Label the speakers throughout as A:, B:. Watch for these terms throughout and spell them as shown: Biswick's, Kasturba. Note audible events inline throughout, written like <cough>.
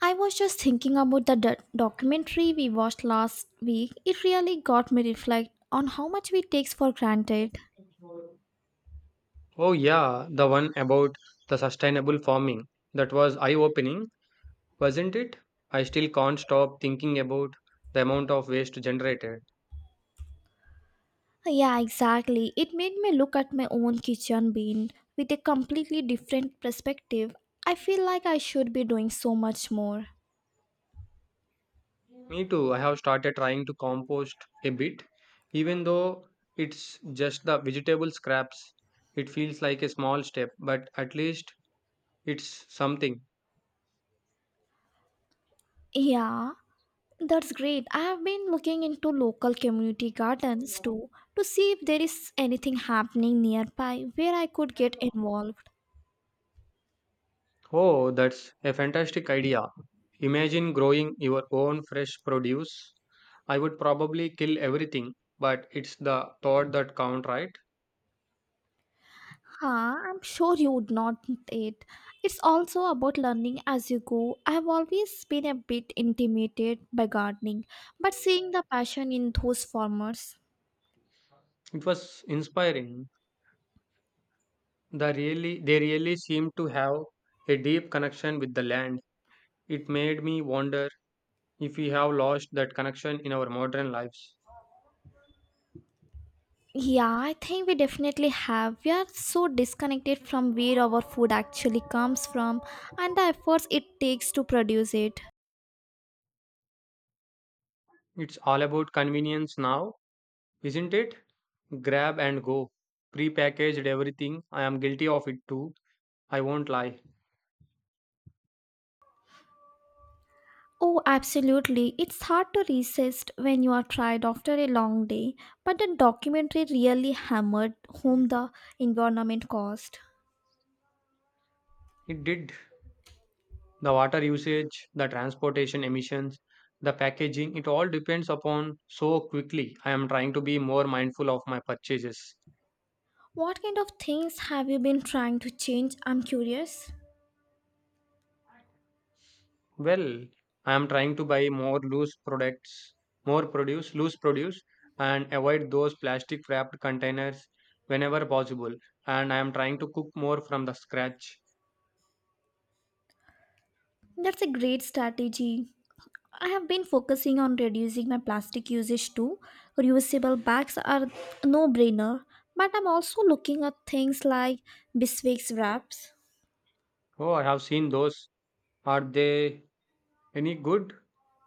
A: I was just thinking about the documentary we watched last week. It really got me reflect on how much we takes for granted.
B: Oh, yeah, the one about the sustainable farming. That was eye-opening, wasn't it? I still can't stop thinking about the amount of waste generated.
A: Yeah, exactly. It made me look at my own kitchen being with a completely different perspective. I feel like I should be doing so much more.
B: Me too, I have started trying to compost a bit, even though it's just the vegetable scraps. It feels like a small step, but at least it's something.
A: Yeah, that's great. I have been looking into local community gardens too to see if there is anything happening nearby where I could get involved.
B: Oh, that's a fantastic idea. Imagine growing your own fresh produce. I would probably kill everything, but it's the thought that count, right?
A: Huh, I'm sure you would not need it. It's also about learning as you go. I've always been a bit intimidated by gardening, but seeing the passion in those farmers.
B: It was inspiring. They really seem to have a deep connection with the land. It made me wonder if we have lost that connection in our modern lives.
A: Yeah, I think we definitely have. We are so disconnected from where our food actually comes from and the efforts it takes to produce it.
B: It's all about convenience now, isn't it? Grab and go. Prepackaged everything. I am guilty of it too. I won't lie.
A: Oh, absolutely. It's hard to resist when you are tired after a long day, but the documentary really hammered home the environment cost.
B: It did the water usage, the transportation emissions, the packaging, it all depends upon so quickly. I am trying to be more mindful of my purchases.
A: What kind of things have you been trying to change? I'm curious.
B: Well, I am trying to buy more loose products, more produce, loose produce, and avoid those plastic wrapped containers whenever possible. And I am trying to cook more from the scratch.
A: That's a great strategy. I have been focusing on reducing my plastic usage too. Reusable bags are a no brainer, but I'm also looking at things like Biswick's wraps.
B: Oh, I have seen those. Are they any good?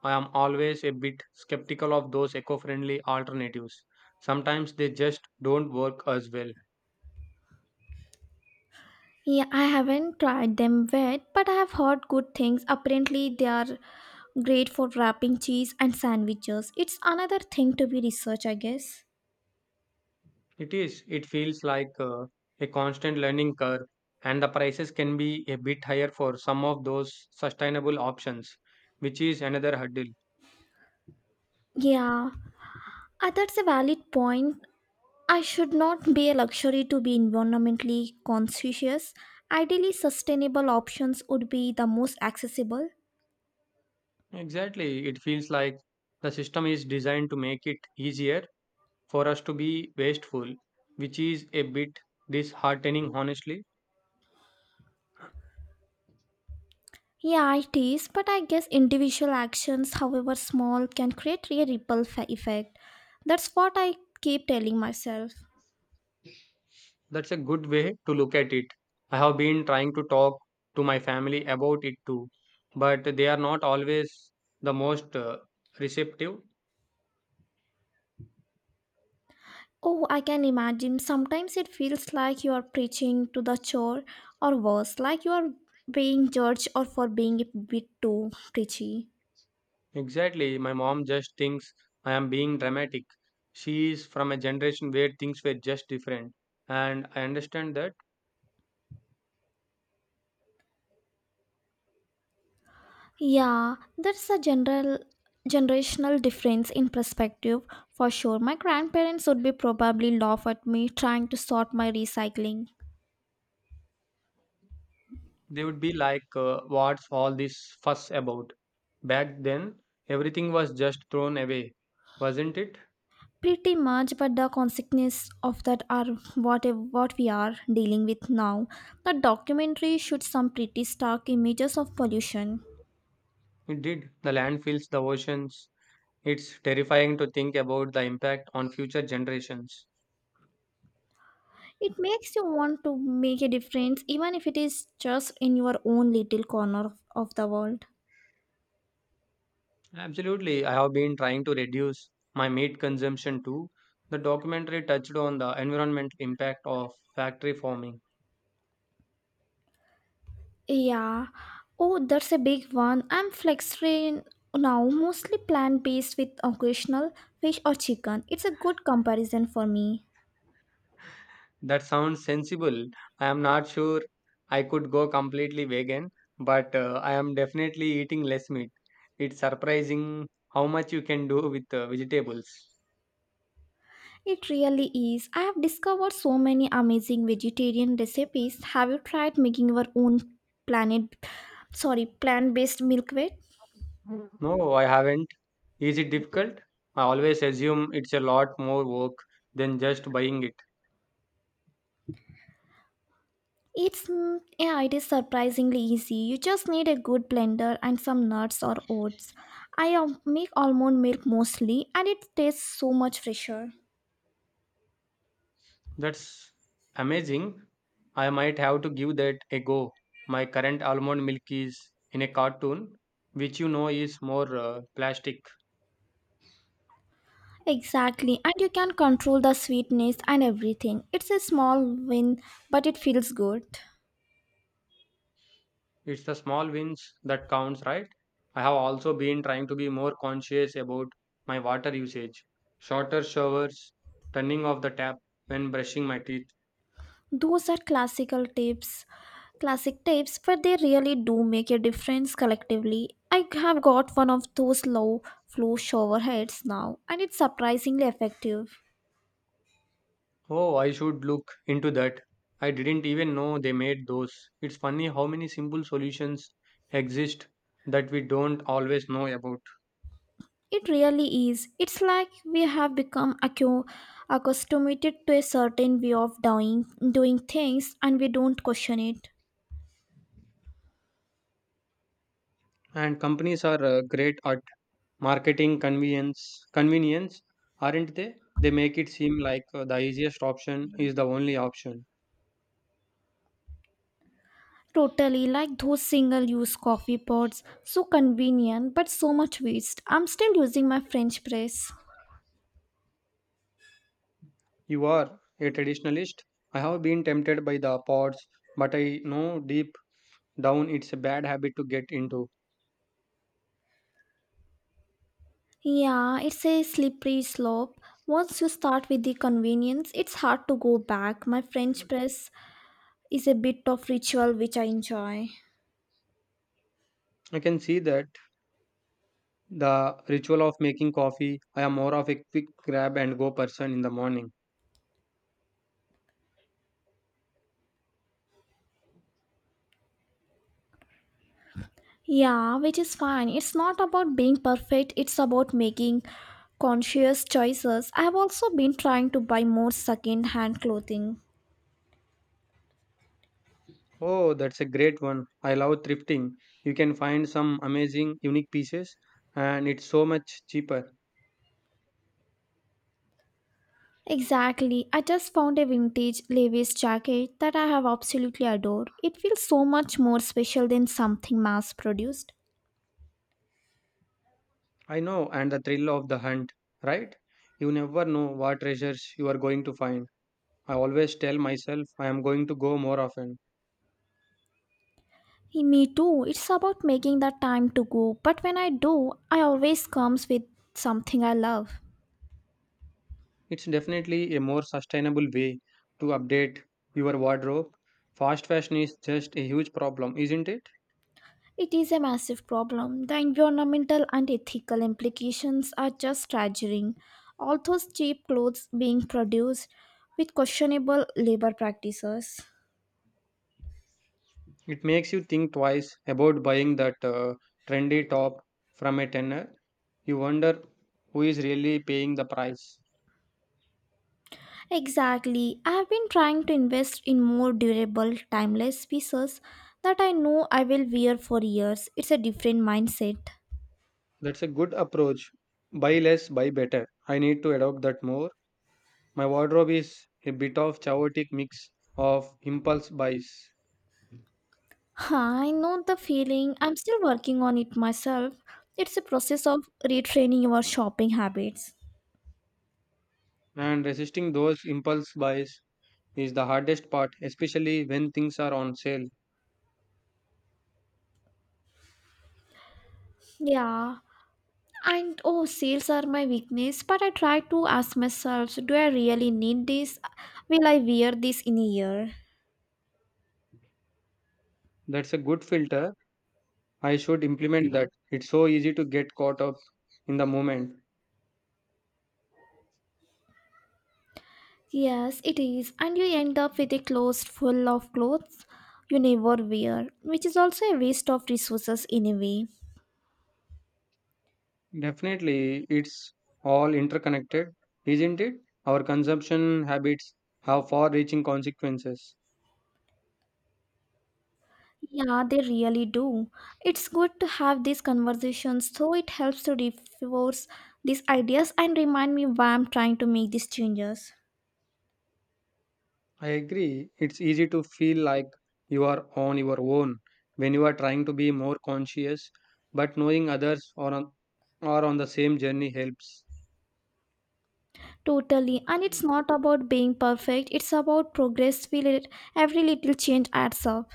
B: I am always a bit skeptical of those eco friendly alternatives. Sometimes they just don't work as well.
A: Yeah, I haven't tried them yet, but I have heard good things. Apparently, they are great for wrapping cheese and sandwiches. It's another thing to be researched, I guess.
B: It is, it feels like a constant learning curve, and the prices can be a bit higher for some of those sustainable options, which is another hurdle.
A: Yeah, that's a valid point. I should not be a luxury to be environmentally conscious. Ideally, sustainable options would be the most accessible.
B: Exactly, it feels like the system is designed to make it easier for us to be wasteful, which is a bit disheartening, honestly.
A: Yeah, it is, but I guess individual actions, however small, can create a ripple effect. That's what I keep telling myself.
B: That's a good way to look at it. I have been trying to talk to my family about it too, but they are not always the most receptive.
A: Oh, I can imagine. Sometimes it feels like you are preaching to the chore, or worse, like you are being judged or for being a bit too preachy.
B: Exactly, my mom just thinks I am being dramatic. She is from a generation where things were just different, and I understand that
A: Yeah, that's a general generational difference in perspective for sure. My grandparents would be probably laugh at me trying to sort my recycling.
B: they would be like, what's all this fuss about? Back then, everything was just thrown away, wasn't it?
A: Pretty much, but the consequences of that are what we are dealing with now. The documentary showed some pretty stark images of pollution.
B: It did. The land fills the oceans. It's terrifying to think about the impact on future generations.
A: It makes you want to make a difference, even if it is just in your own little corner of the world.
B: Absolutely, I have been trying to reduce my meat consumption too. The documentary touched on the environmental impact of factory farming.
A: Yeah. Oh, that's a big one. I'm flexitarian now, mostly plant-based with occasional fish or chicken. It's a good comparison for me.
B: That sounds sensible. I am not sure I could go completely vegan, but I am definitely eating less meat. It's surprising how much you can do with vegetables.
A: It really is. I have discovered so many amazing vegetarian recipes. Have you tried making your own planet plant-based milkweed?
B: No, I haven't. Is it difficult? I always assume it's a lot more work than just buying it.
A: It's yeah, it is surprisingly easy. You just need a good blender and some nuts or oats. I make almond milk mostly and it tastes so much fresher.
B: That's amazing. I might have to give that a go. My current almond milk is in a cartoon, which you know is more plastic.
A: Exactly, and you can control the sweetness and everything. It's a small win, but it feels good.
B: It's the small wins that counts, right? I have also been trying to be more conscious about my water usage. Shorter showers, turning off the tap when brushing my teeth.
A: Those are classic tips, but they really do make a difference collectively. I have got one of those low flow shower heads now, and it's surprisingly effective.
B: Oh, I should look into that. I didn't even know they made those. It's funny how many simple solutions exist that we don't always know about.
A: It really is. It's like we have become accustomed to a certain way of doing things, and we don't question it.
B: And companies are great at marketing convenience. Convenience, aren't they? They make it seem like the easiest option is the only option.
A: Totally like those single use coffee pots. So convenient, but so much waste. I'm still using my French press.
B: You are a traditionalist. I have been tempted by the pods, but I know deep down it's a bad habit to get into.
A: Yeah, it's a slippery slope. Once you start with the convenience, it's hard to go back. My French press is a bit of ritual which I enjoy.
B: I can see that the ritual of making coffee, I am more of a quick grab and go person in the morning.
A: Yeah, which is fine. It's not about being perfect, it's about making conscious choices. I've also been trying to buy more second hand clothing.
B: Oh, that's a great one. I love thrifting. You can find some amazing, unique pieces, and it's so much cheaper.
A: Exactly. I just found a vintage Levi's jacket that I have absolutely adored. It feels so much more special than something mass produced.
B: I know, and the thrill of the hunt, right? You never know what treasures you are going to find. I always tell myself I am going to go more often.
A: Eh, me too. It's about making the time to go, but when I do, I always comes with something I love.
B: It's definitely a more sustainable way to update your wardrobe. Fast fashion is just a huge problem, isn't it?
A: It is a massive problem. The environmental and ethical implications are just staggering. All those cheap clothes being produced with questionable labor practices.
B: It makes you think twice about buying that trendy top from a tenner. You wonder who is really paying the price.
A: Exactly. I have been trying to invest in more durable, timeless pieces that I know I will wear for years. It's a different mindset. <laughs>
B: That's a good approach. Buy less, buy better. I need to adopt that more. My wardrobe is a bit of chaotic mix of impulse buys,
A: Huh, I know the feeling. I'm still working on it myself. It's a process of retraining your shopping habits.
B: and resisting those impulse buys is the hardest part, especially when things are on sale.
A: Yeah. And oh, sales are my weakness, but I try to ask myself do I really need this? Will I wear this in a year?
B: That's a good filter. I should implement that. It's so easy to get caught up in the moment.
A: Yes, it is, and you end up with a closet full of clothes you never wear, which is also a waste of resources in a way.
B: Definitely, it's all interconnected, isn't it? Our consumption habits have far reaching consequences.
A: Yeah, they really do. It's good to have these conversations, so it helps to reinforce these ideas and remind me why I'm trying to make these changes.
B: I agree. It's easy to feel like you are on your own when you are trying to be more conscious, but knowing others are on the same journey helps.
A: Totally, and it's not about being perfect, it's about progress. Feel it, every little change adds up.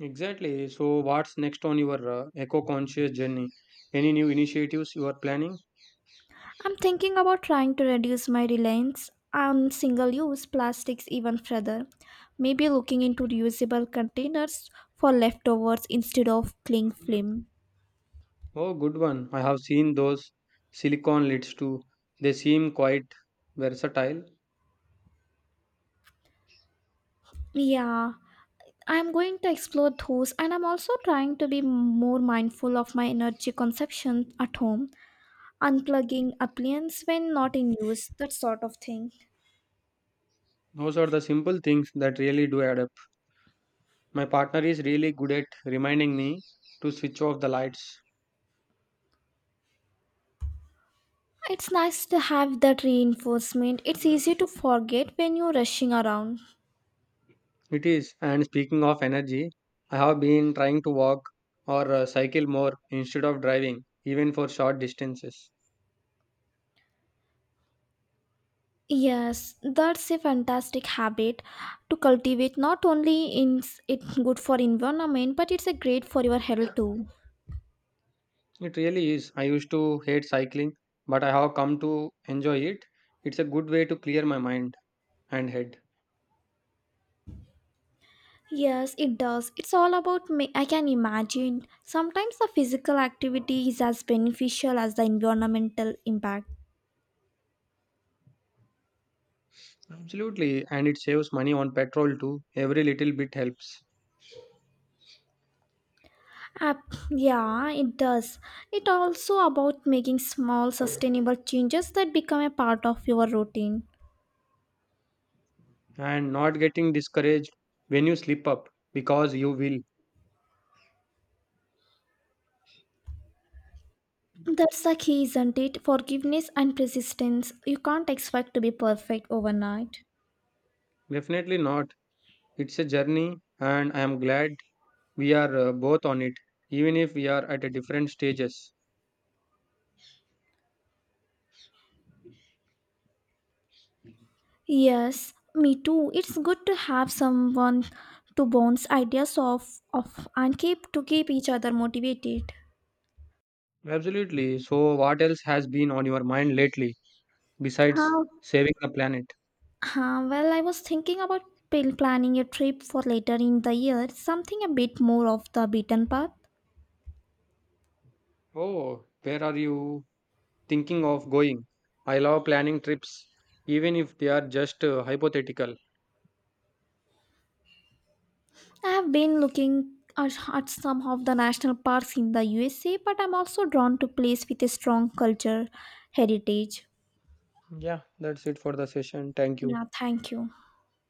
B: Exactly. So, what's next on your eco conscious journey? Any new initiatives you are planning?
A: I'm thinking about trying to reduce my reliance on single use plastics even further. Maybe looking into reusable containers for leftovers instead of cling film.
B: Oh, good one. I have seen those silicon lids too. They seem quite versatile.
A: Yeah, I'm going to explore those and I'm also trying to be more mindful of my energy consumption at home, unplugging appliances when not in use, that sort of thing.
B: Those are the simple things that really do add up. My partner is really good at reminding me to switch off the lights.
A: It's nice to have that reinforcement. It's easy to forget when you're rushing around.
B: It is. And speaking of energy, I have been trying to walk or cycle more instead of driving, even for short distances.
A: Yes, that's a fantastic habit to cultivate. Not only is it good for environment, but it's a great for your health too.
B: It really is. I used to hate cycling, but I have come to enjoy it. It's a good way to clear my mind and head.
A: Yes, it does. It's all about me. I can imagine. Sometimes the physical activity is as beneficial as the environmental impact.
B: Absolutely. And it saves money on petrol too. Every little bit helps.
A: Yeah, it does. It also about making small sustainable changes that become a part of your routine.
B: And not getting discouraged when you slip up, because you will.
A: That's the key, isn't it? Forgiveness and persistence. You can't expect to be perfect overnight.
B: Definitely not. It's a journey, and I am glad we are both on it, even if we are at a different stages.
A: Yes, me too. It's good to have someone to bounce ideas off of and keep each other motivated.
B: Absolutely. So, what else has been on your mind lately besides
A: How?
B: saving the planet?
A: Huh, well, I was thinking about planning a trip for later in the year, something a bit more off the beaten path.
B: Oh, where are you thinking of going? I love planning trips, even if they are just hypothetical.
A: I have been looking at some of the national parks in the USA, but I'm also drawn to places with a strong culture heritage.
B: Yeah, that's it for the session. Thank you.
A: Yeah, thank you.